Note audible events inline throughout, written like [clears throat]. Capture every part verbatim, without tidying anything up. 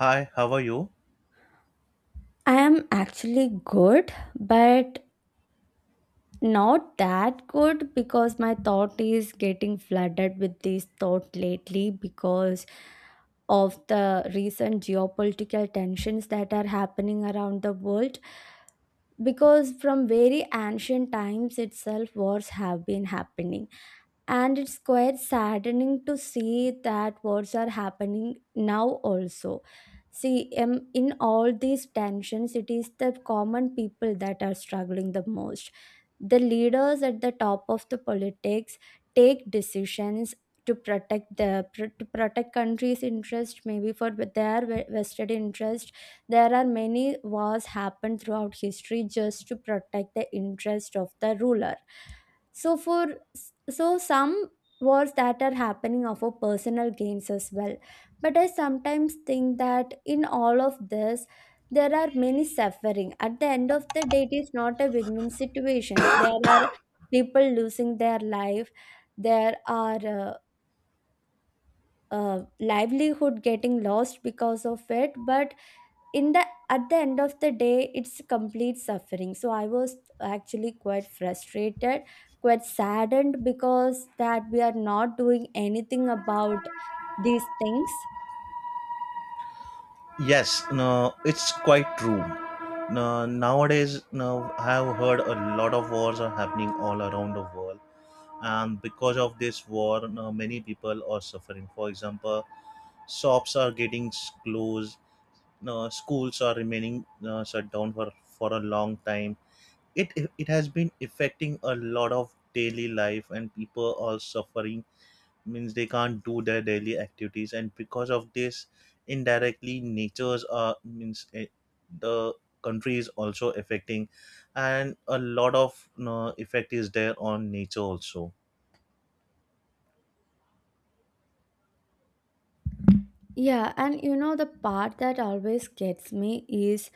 Hi, how are you? I am actually good, but not that good because my thought is getting flooded with this thought lately because of the recent geopolitical tensions that are happening around the world. Because from very ancient times itself, wars have been happening, and it's quite saddening to see that wars are happening now also. See, um, in all these tensions, it is the common people that are struggling the most. The leaders at the top of the politics take decisions to protect the pr- to protect country's interest, maybe for their ve- vested interest. There are many wars happened throughout history just to protect the interest of the ruler. so for so some wars that are happening are for personal gains as well. But I sometimes think that in all of this, there are many suffering. At the end of the day, it is not a win-win situation. There are people losing their life. There are uh, uh, livelihood getting lost because of it. But in the at the end of the day, it's complete suffering. So I was actually quite frustrated, quite saddened, because that we are not doing anything about these things. Yes, no, it's quite true. No, nowadays, no, I have heard a lot of wars are happening all around the world, and because of this war, no, many people are suffering. For example, shops are getting s- closed, no, schools are remaining no, shut down for for a long time. It it has been affecting a lot of daily life, and people are suffering means they can't do their daily activities, and because of this indirectly nature's uh means eh, the country is also affecting, and a lot of you know, effect is there on nature also. Yeah, and you know the part that always gets me is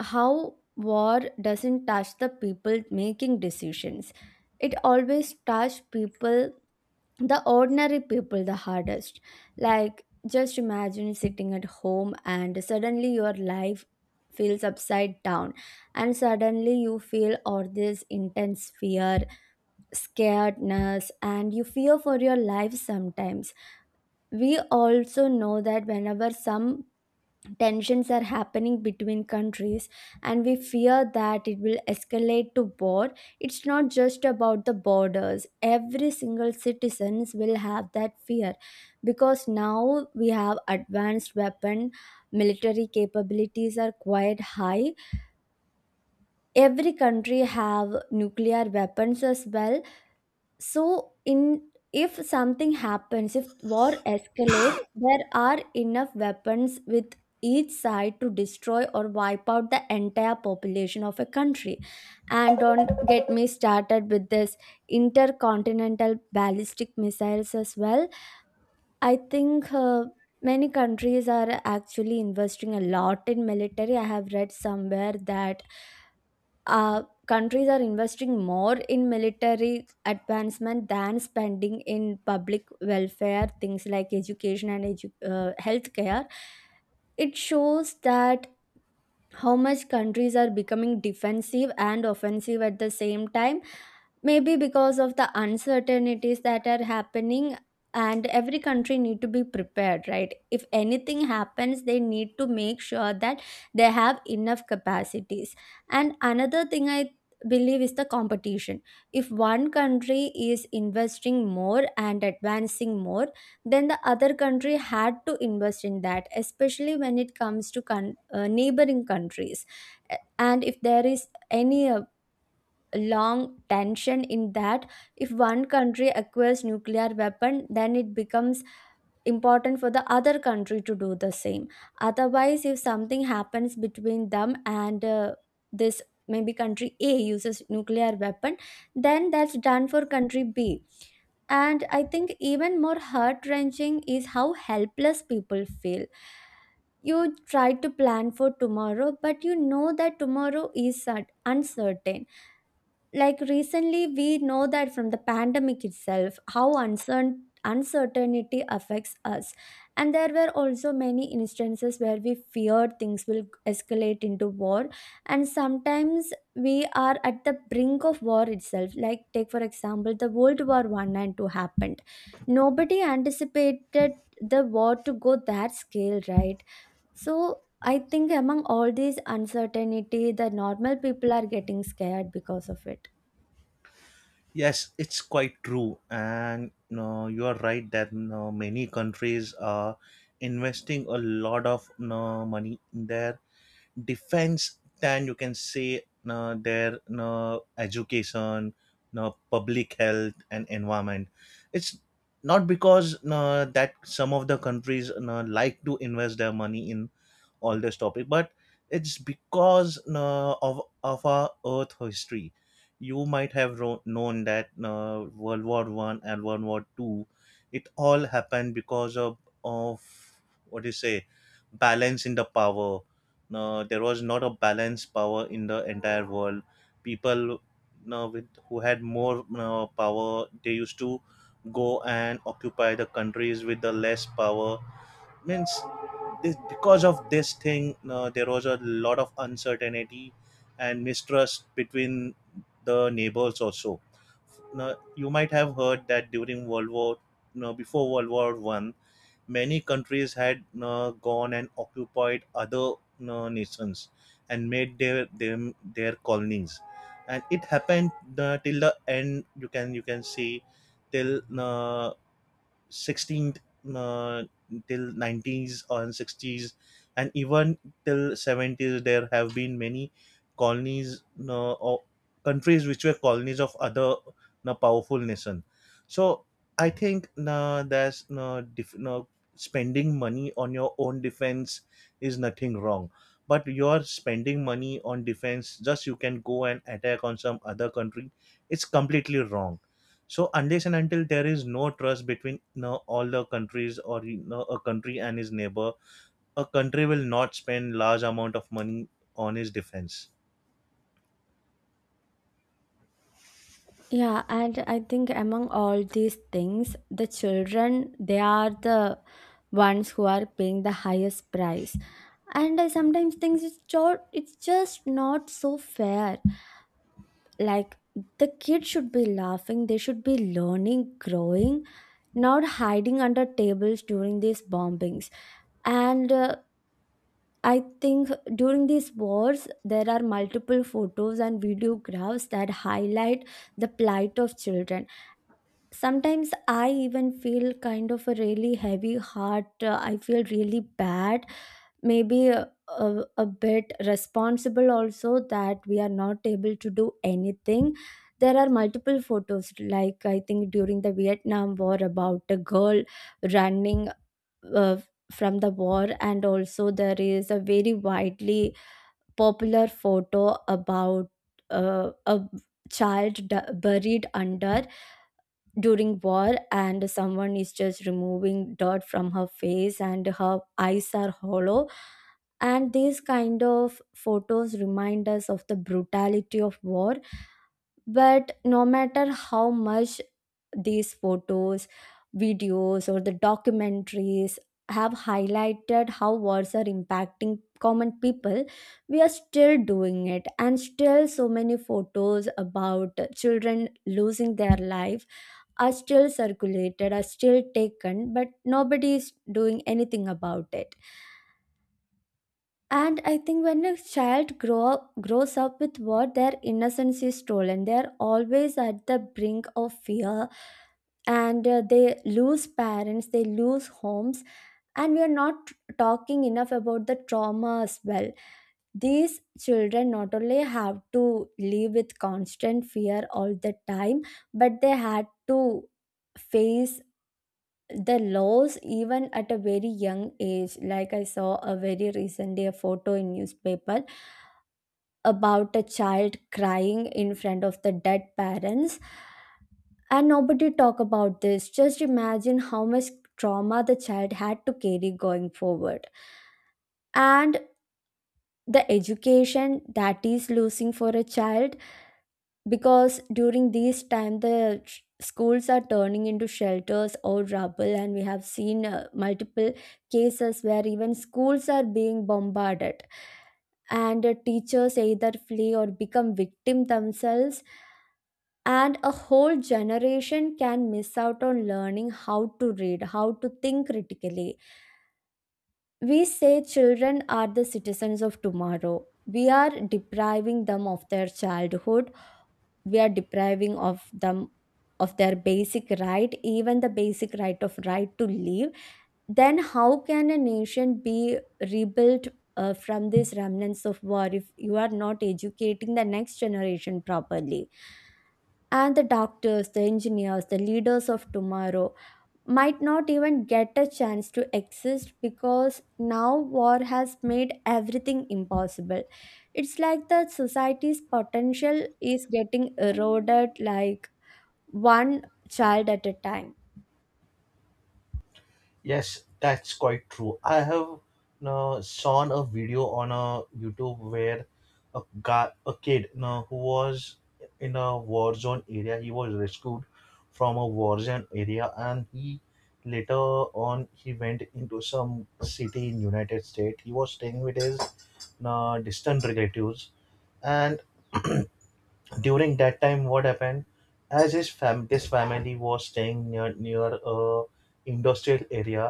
how war doesn't touch the people making decisions. It always touch people, the ordinary people, the hardest. Like, just imagine sitting at home and suddenly your life feels upside down, and suddenly you feel all this intense fear, scaredness, and you fear for your life. Sometimes we also know that whenever some tensions are happening between countries and we fear that it will escalate to war, it's not just about the borders. Every single citizens will have that fear, because now we have advanced weapon, military capabilities are quite high, every country have nuclear weapons as well. So in if something happens, if war escalate, there are enough weapons with each side to destroy or wipe out the entire population of a country. And don't get me started with this intercontinental ballistic missiles as well. I think uh, many countries are actually investing a lot in military. I have read somewhere that uh, countries are investing more in military advancement than spending in public welfare things like education and edu- uh, healthcare. It shows that how much countries are becoming defensive and offensive at the same time, maybe because of the uncertainties that are happening. And every country need to be prepared, right? If anything happens, they need to make sure that they have enough capacities. And another thing I believe is the competition. If one country is investing more and advancing more, then the other country had to invest in that, especially when it comes to con- uh, neighboring countries. And if there is any uh, long tension in that, if one country acquires nuclear weapon, then it becomes important for the other country to do the same. Otherwise, if something happens between them, and uh, this maybe country a uses nuclear weapon, then that's done for country b. And I think even more heart wrenching is how helpless people feel. You try to plan for tomorrow, but you know that tomorrow is cert- uncertain. Like recently, we know that from the pandemic itself how uncertain uncertainty affects us. And there were also many instances where we feared things will escalate into war, and sometimes we are at the brink of war itself. Like, take for example the world war one and two happened. Nobody anticipated the war to go that scale, right? So I think among all these uncertainty, the normal people are getting scared because of it. Yes, it's quite true, and no, you are right that no many countries are investing a lot of no money in their defense than you can say uh, their uh, education, uh, public health, and environment. It's not because uh, that some of the countries uh, like to invest their money in all this topic, but it's because uh, of of our Earth history. You might have ro- known that uh, World War One and World War Two, it all happened because of of what do you say, balance in the power, no, there was not a balanced power in the entire world. People, no, with who had more, no, power, they used to go and occupy the countries with the less power. Means this because of this thing, no, there was a lot of uncertainty and mistrust between the neighbors also. Now, you might have heard that during World War, no, before World War One, many countries had uh, gone and occupied other uh, nations and made their them their colonies, and it happened uh, till the end, you can you can see till uh, sixteenth, uh, till nineties and sixties and even till seventies there have been many colonies uh, or countries which were colonies of other uh, powerful nation. So I think uh, that's uh, dif- uh, spending money on your own defense is nothing wrong, but you're spending money on defense just you can go and attack on some other country, it's completely wrong. So unless and until there is no trust between you know, all the countries or you know, a country and his neighbor, a country will not spend large amount of money on its defense. Yeah, and I think among all these things, the children, they are the ones who are paying the highest price. And I sometimes think it's just, it's just not so fair. Like, the kids should be laughing, they should be learning, growing, not hiding under tables during these bombings. And uh, I think during these wars, there are multiple photos and videographs that highlight the plight of children. Sometimes I even feel kind of a really heavy heart. Uh, I feel really bad, maybe a, a, a bit responsible also that we are not able to do anything. There are multiple photos, like I think during the vietnam war about a girl running uh, from the war. And also there is a very widely popular photo about uh, a child d- buried under during war, and someone is just removing dirt from her face and her eyes are hollow. And these kind of photos remind us of the brutality of war, but no matter how much these photos, videos, or the documentaries have highlighted how wars are impacting common people, we are still doing it. And still so many photos about children losing their life are still circulated, are still taken, but nobody is doing anything about it. And I think when a child grow up, grows up with what their innocence is stolen, they are always at the brink of fear, and uh, they lose parents, they lose homes, and we are not talking enough about the trauma as well. These children not only have to live with constant fear all the time, but they had to face the laws even at a very young age. Like, I saw a very recently a photo in newspaper about a child crying in front of the dead parents, and nobody talk about this. Just imagine how much trauma the child had to carry going forward. And the education that is losing for a child, because during these time the sh- schools are turning into shelters or rubble. And we have seen uh, multiple cases where even schools are being bombarded, and uh, teachers either flee or become victim themselves, and a whole generation can miss out on learning how to read, how to think critically. We say children are the citizens of tomorrow. We are depriving them of their childhood, we are depriving of them of their basic right, even the basic right of right to live. Then how can a nation be rebuilt uh, from these remnants of war if you are not educating the next generation properly, and the doctors, the engineers, the leaders of tomorrow, might not even get a chance to exist because now war has made everything impossible. It's like the society's potential is getting eroded, like one child at a time. Yes, that's quite true. I have uh, seen a video on a YouTube where a guy, a kid uh, who was in a war zone area, he was rescued from a war zone area, and he later on he went into some city in United States. He was staying with his uh, distant relatives, and [clears throat] during that time what happened as his fam this family was staying near near a industrial area.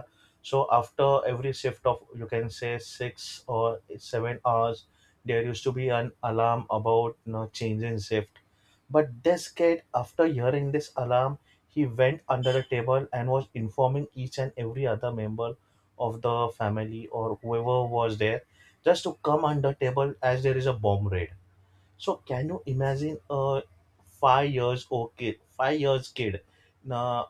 So after every shift of you can say six or seven hours there used to be an alarm about you know, change in shift, but this kid after hearing this alarm he went under the table and was informing each and every other member of the family or whoever was there just to come under table as there is a bomb raid. So can you imagine a five years old kid, five years kid, now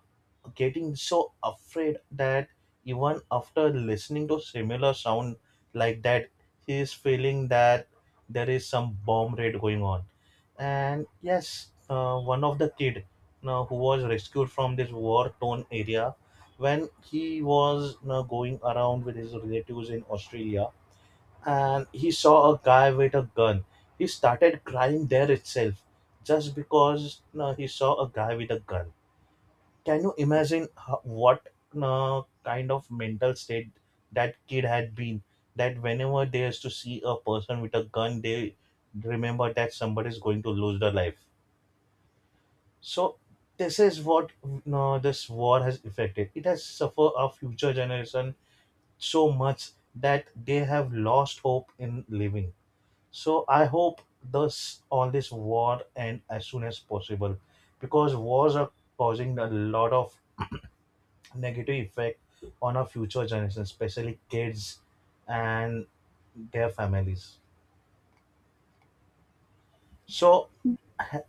getting so afraid that even after listening to similar sound like that, he is feeling that there is some bomb raid going on. And yes, uh, one of the kid now who was rescued from this war torn area, when he was now going around with his relatives in Australia, and he saw a guy with a gun. He started crying there itself just because uh, he saw a guy with a gun. Can you imagine ho- what uh, kind of mental state that kid had been? That whenever they used to see a person with a gun, they remember that somebody is going to lose their life. So this is what uh, this war has affected. It has suffered our future generation so much that they have lost hope in living. So I hope this all this war end as soon as possible, because wars are causing a lot of negative effect on our future generation, especially kids and their families. So ha-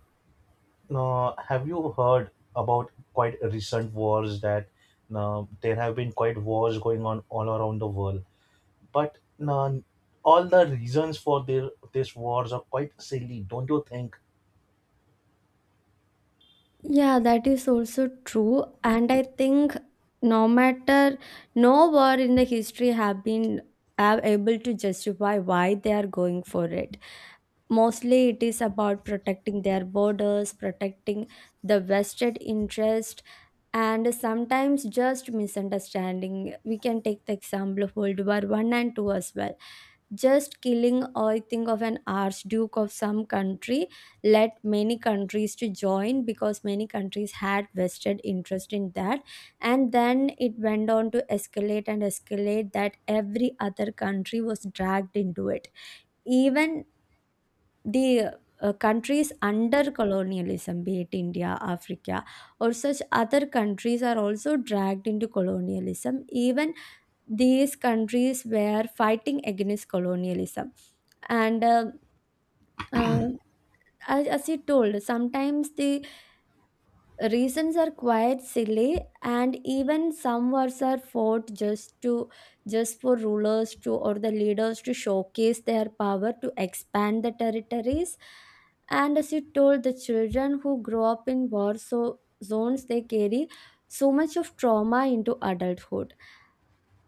uh, have you heard about quite recent wars, that uh, there have been quite wars going on all around the world, but uh, all the reasons for their these wars are quite silly, don't you think? Yeah, that is also true. And I think no matter no war in the history have been are able to justify why they are going for it. Mostly it is about protecting their borders, protecting the vested interest, and sometimes just misunderstanding. We can take the example of World War One and Two as well. Just killing, I think, of an archduke of some country led many countries to join because many countries had vested interest in that, and then it went on to escalate and escalate that every other country was dragged into it, even the uh, countries under colonialism, be it India, Africa, or such other countries, are also dragged into colonialism. Even these countries were fighting against colonialism. And uh, uh, as, as you told, sometimes the reasons are quite silly, and even some wars are fought just to just for rulers to or the leaders to showcase their power, to expand the territories. And as you told, the children who grow up in war so zones, they carry so much of trauma into adulthood.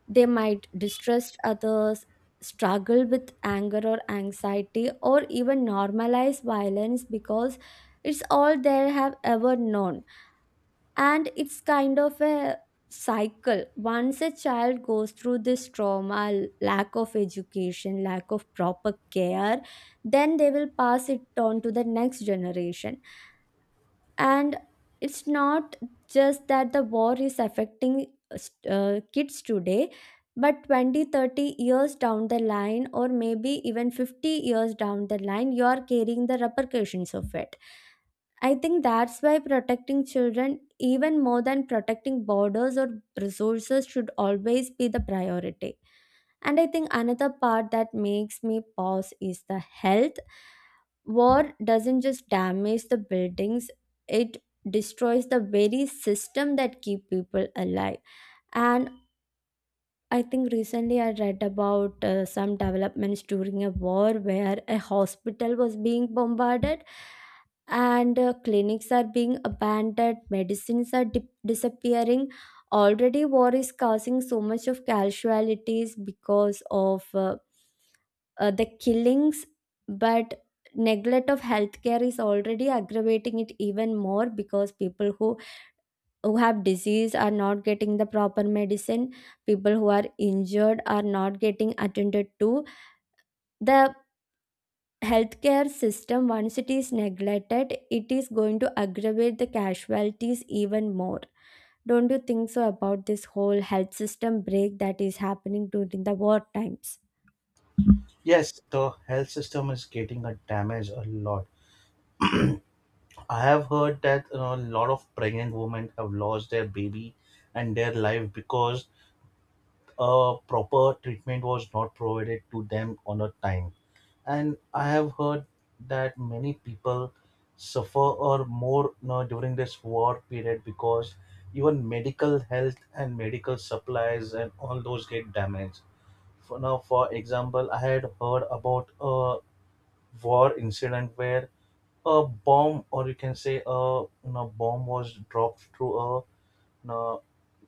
They might distrust others, struggle with anger or anxiety, or even normalize violence because it's all they have ever known. And it's kind of a cycle. Once a child goes through this trauma, l- lack of education, lack of proper care, then they will pass it on to the next generation. And it's not just that the war is affecting uh, st- uh, kids today, but twenty, thirty years down the line, or maybe even fifty years down the line, you are carrying the repercussions of it. I think that's why protecting children, even more than protecting borders or resources, should always be the priority. And I think another part that makes me pause is the health. War doesn't just damage the buildings, it destroys the very system that keep people alive. And I think recently I read about uh, some developments during a war where a hospital was being bombarded, and uh, clinics are being abandoned, medicines are dip disappearing. Already, war is causing so much of casualties because of uh, uh, the killings, but neglect of healthcare is already aggravating it even more because people who who have disease are not getting the proper medicine. People who are injured are not getting attended to. The healthcare system, once it is neglected, it is going to aggravate the casualties even more. Don't you think so about this whole health system break that is happening during the war times? Yes, the health system is getting a damage a lot. I have heard that you know, a lot of pregnant women have lost their baby and their life because uh, proper treatment was not provided to them on a time. And I have heard that many people suffer or more you know, during this war period because even medical health and medical supplies and all those get damaged. For now, for example, I had heard about a war incident where a bomb, or you can say a you know, bomb was dropped through a you know,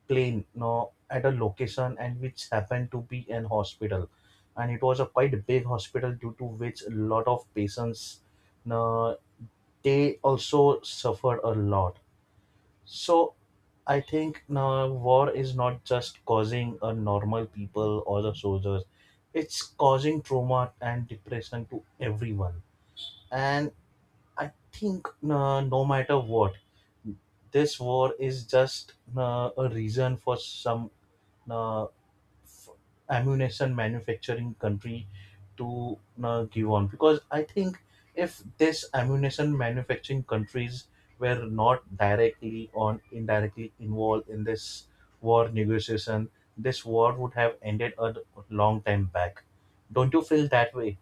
plane, you know, at a location, and which happened to be an hospital and it was a quite big hospital due to which a lot of patients, you know, they also suffered a lot. So I think now war is not just causing a normal people or the soldiers, it's causing trauma and depression to everyone. And I think uh, no matter what, this war is just uh, a reason for some uh, f- ammunition manufacturing country to uh, give on. Because I think if this ammunition manufacturing countries were not directly or indirectly involved in this war negotiation, this war would have ended a long time back. Don't you feel that way?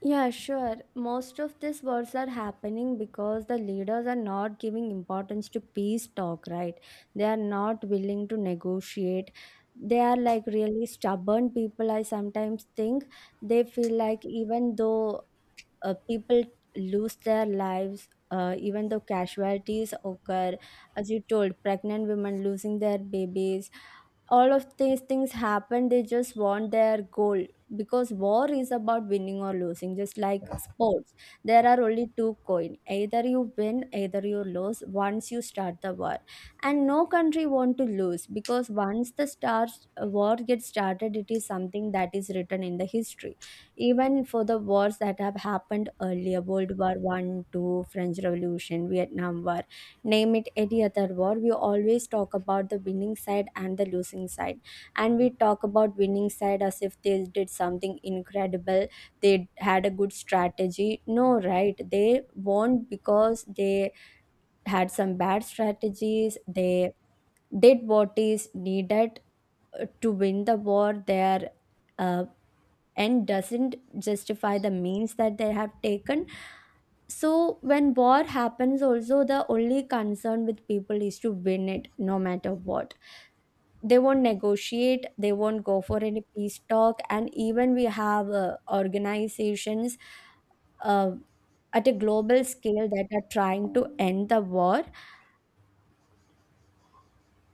Yeah, sure. Most of these wars are happening because the leaders are not giving importance to peace talk, right? They are not willing to negotiate. They are like really stubborn people. I sometimes think they feel like even though uh, people lose their lives, uh, even though casualties occur, as you told, pregnant women losing their babies, all of these things happen. They just want their goal, because war is about winning or losing, just like sports. There are only two coin, either you win either you lose once you start the war, and no country want to lose, because once the start war gets started, it is something that is written in the history. Even for the wars that have happened earlier, World War One, Two, French Revolution, Vietnam War, name it any other war, we always talk about the winning side and the losing side. And we talk about winning side as if they did something incredible, they had a good strategy. No, right? They won because they had some bad strategies, they did what is needed uh, to win the war. Their uh, and doesn't justify the means that they have taken. So when war happens also, the only concern with people is to win it no matter what. They won't negotiate, they won't go for any peace talk. And even we have uh, organizations uh, at a global scale that are trying to end the war,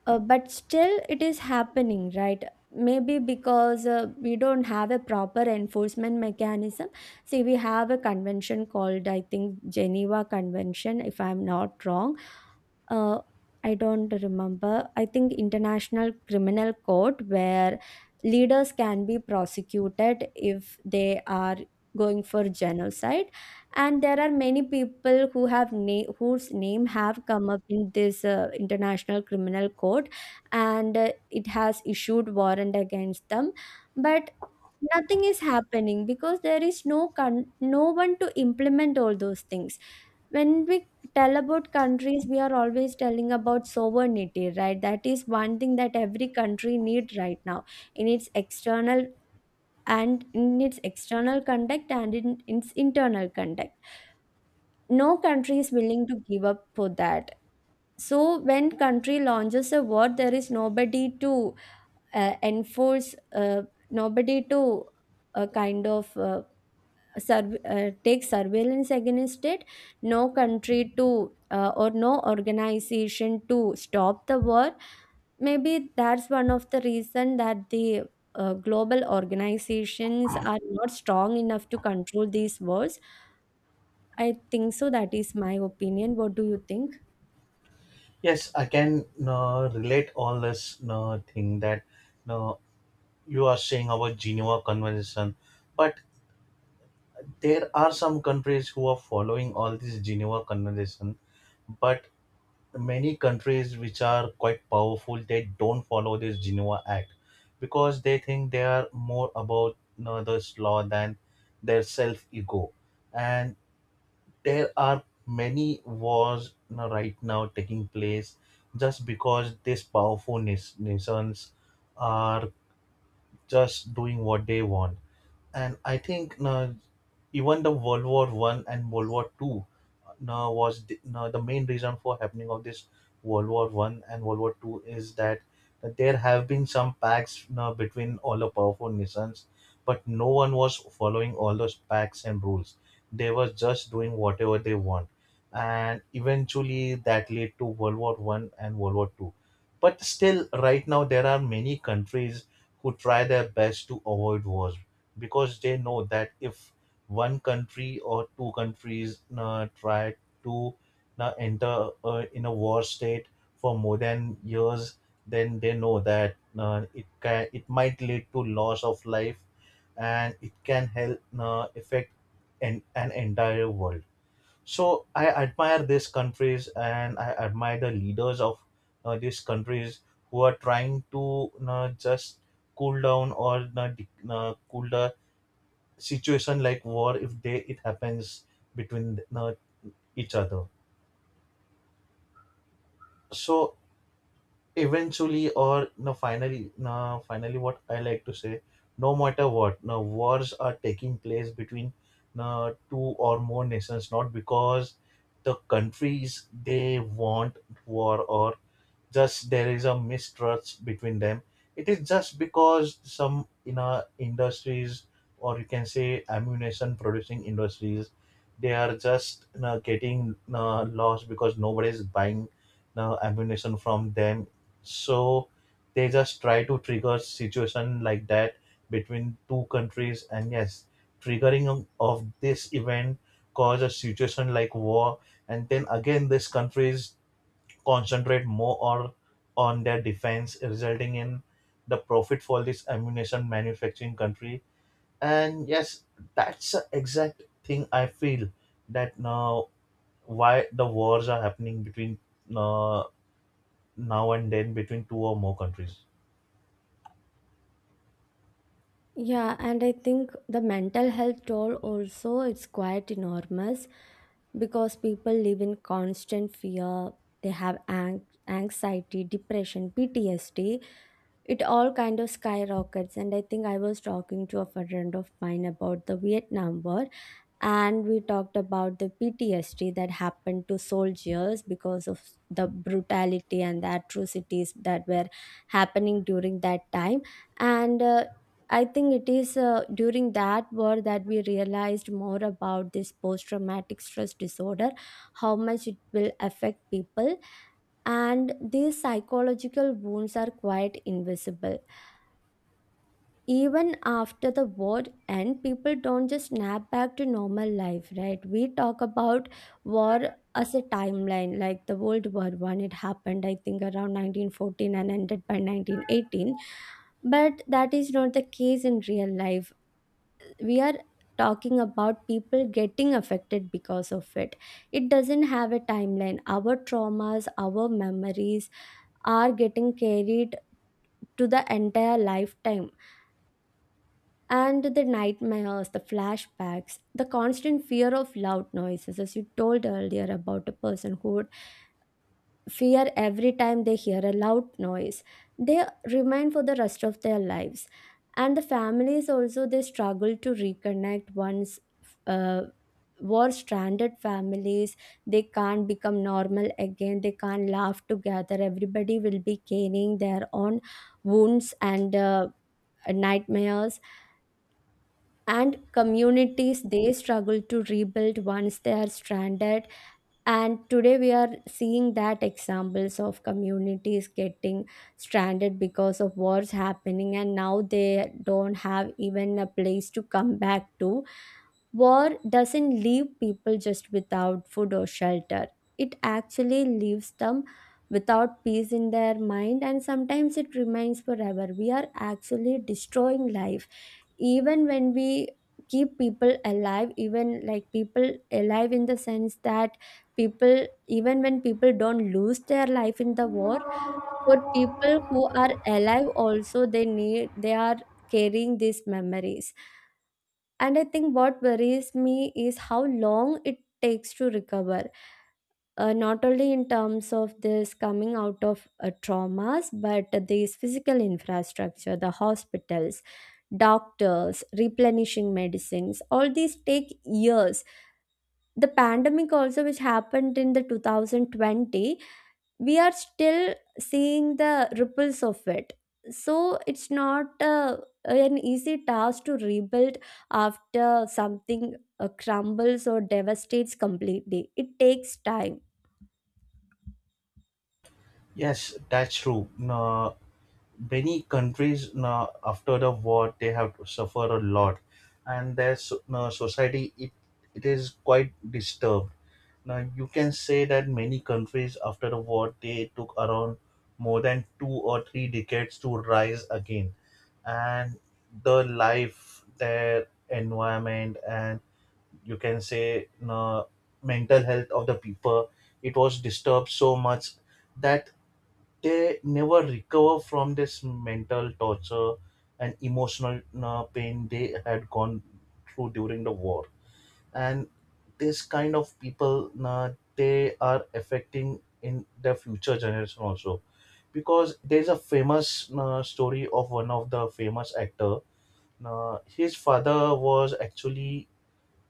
uh, but still it is happening, right? Maybe because uh, we don't have a proper enforcement mechanism. See, we have a convention called, I think, Geneva Convention, if I'm not wrong. uh, I don't remember. I think International Criminal Court, where leaders can be prosecuted if they are going for genocide. And there are many people who have na- whose name have come up in this uh, International Criminal Court, and uh, it has issued warrant against them. But nothing is happening because there is no con- no one to implement all those things. When we tell about countries, we are always telling about sovereignty, right? That is one thing that every country need right now in its external, and in its external conduct and in its internal conduct. No country is willing to give up for that. So when country launches a war, there is nobody to uh, enforce, uh, nobody to, uh, kind of, uh, surv- uh, take surveillance against it. No country to, uh, or no organization to stop the war. Maybe that's one of the reason that the uh, global organizations are not strong enough to control these wars. I think so. That is my opinion. What do you think? Yes, I can uh, relate all this uh, thing that uh, you are saying about Geneva Convention, but there are some countries who are following all this Geneva Convention, but many countries which are quite powerful they don't follow this Geneva Act because they think they are more about you know, this law than their self ego, and there are many wars now, right now taking place just because these powerful nas- nations are just doing what they want. And I think now even the World War One and World War Two, now was the, now the main reason for happening of this World War One and World War Two is that there have been some pacts now between all the powerful nations, but no one was following all those pacts and rules. They were just doing whatever they want, and eventually that led to World War One and World War Two. But still, right now there are many countries who try their best to avoid wars because they know that if one country or two countries uh, try to uh, enter uh, in a war state for more than years, then they know that uh, it can it might lead to loss of life, and it can help uh, affect an, an entire world. So I admire these countries, and I admire the leaders of uh, these countries who are trying to uh, just cool down or uh, de- uh, cool the situation like war if they it happens between uh, each other. So eventually, or no, finally, no finally what I like to say, no matter what, no wars are taking place between, no, two or more nations not because the countries they want war, or just there is a mistrust between them, it is just because some in our industries or you can say ammunition producing industries they are just you know, getting uh, lost because nobody is buying uh, ammunition from them. So they just try to trigger situation like that between two countries, and yes, triggering of of this event cause a situation like war, and then again these countries concentrate more or on their defense, resulting in the profit for this ammunition manufacturing country. And yes, that's the exact thing I feel that now why the wars are happening between uh, now and then between two or more countries. Yeah, and I think the mental health toll also, it's quite enormous, because people live in constant fear. They have ang- anxiety, depression, P T S D. It all kind of skyrockets. And I think I was talking to a friend of mine about the Vietnam War, and we talked about the P T S D that happened to soldiers because of the brutality and the atrocities that were happening during that time. And uh, I think it is, uh, during that war that we realized more about this post traumatic stress disorder, how much it will affect people, and these psychological wounds are quite invisible. Even after the war end, people don't just snap back to normal life, right? We talk about war as a timeline, like the World War One, it happened, I think around nineteen fourteen and ended by nineteen eighteen. But that is not the case in real life. We are talking about people getting affected because of it. It doesn't have a timeline. Our traumas, our memories are getting carried to the entire lifetime. And the nightmares, the flashbacks, the constant fear of loud noises, as you told earlier about a person who would fear every time they hear a loud noise, they remain for the rest of their lives. And the families also, they struggle to reconnect once, uh, were stranded families. They can't become normal again. They can't laugh together. Everybody will be gaining their own wounds and uh, nightmares, and communities they struggle to rebuild once they are stranded. And today we are seeing that examples of communities getting stranded because of wars happening, and now they don't have even a place to come back to. War doesn't leave people just without food or shelter. It actually leaves them without peace in their mind, and sometimes it remains forever. We are actually destroying life. Even when we keep people alive, even like people alive in the sense that people, even when people don't lose their life in the war, for people who are alive also, they need, they are carrying these memories. And I think what worries me is how long it takes to recover, uh, not only in terms of this coming out of uh, traumas, but these physical infrastructure, the hospitals, doctors, replenishing medicines, all these take years. The pandemic also which happened in the twenty twenty, we are still seeing the ripples of it. So it's not uh, an easy task to rebuild after something uh, crumbles or devastates completely. It takes time. Yes, that's true. Uh, many countries now after the war they have suffered a lot, and their so, now society it, it is quite disturbed. Now you can say that many countries after the war they took around more than two or three decades to rise again, and the life, their environment, and you can say no mental health of the people, it was disturbed so much that they never recover from this mental torture and emotional uh, pain they had gone through during the war. And this kind of people uh, they are affecting in the future generation also, because there's a famous uh, story of one of the famous actor. Uh, his father was actually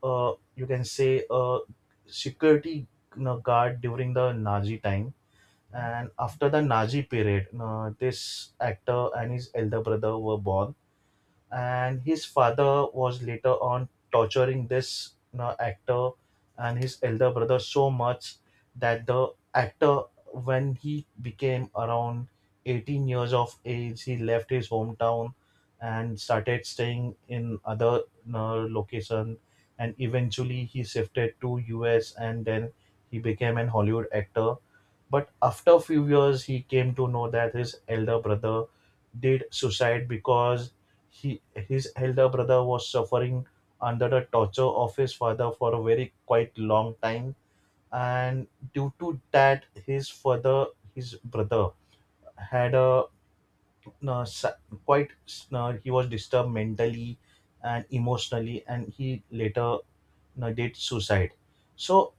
uh, you can say a security, you know, guard during the nazi time, and after the Nazi period, uh, this actor and his elder brother were born, and his father was later on torturing this uh, actor and his elder brother so much that the actor, when he became around eighteen years of age, he left his hometown and started staying in other uh, location, and eventually he shifted to U S and then he became an Hollywood actor. But after a few years, he came to know that his elder brother did suicide because he his elder brother was suffering under the torture of his father for a very quite long time, and due to that, his father, his brother, had a uh, sa- quite, uh, he was disturbed mentally and emotionally, and he later uh, did suicide. So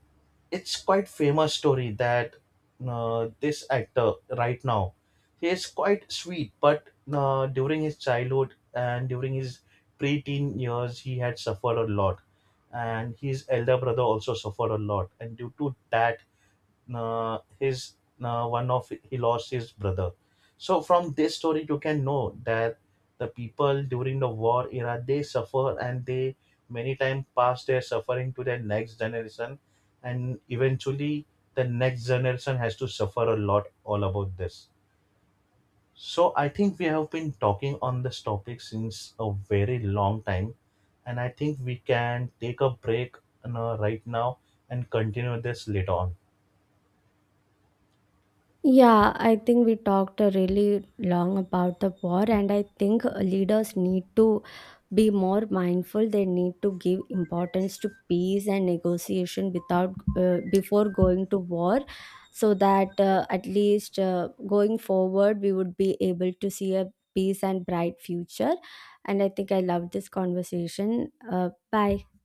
it's quite famous story that uh, this actor right now he is quite sweet, but uh, during his childhood and during his preteen years he had suffered a lot, and his elder brother also suffered a lot, and due to that uh, his, uh, one of he lost his brother. So from this story you can know that the people during the war era they suffer, and they many times pass their suffering to their next generation, and eventually the next generation has to suffer a lot all about this. So I think we have been talking on this topic since a very long time, and I think we can take a break you right now and continue this later on. Yeah, I think we talked uh, really long about the war, and I think uh, leaders need to be more mindful. They need to give importance to peace and negotiation without, uh, before going to war, so that uh, at least uh, going forward we would be able to see a peace and bright future. And I think I love this conversation. Uh, bye.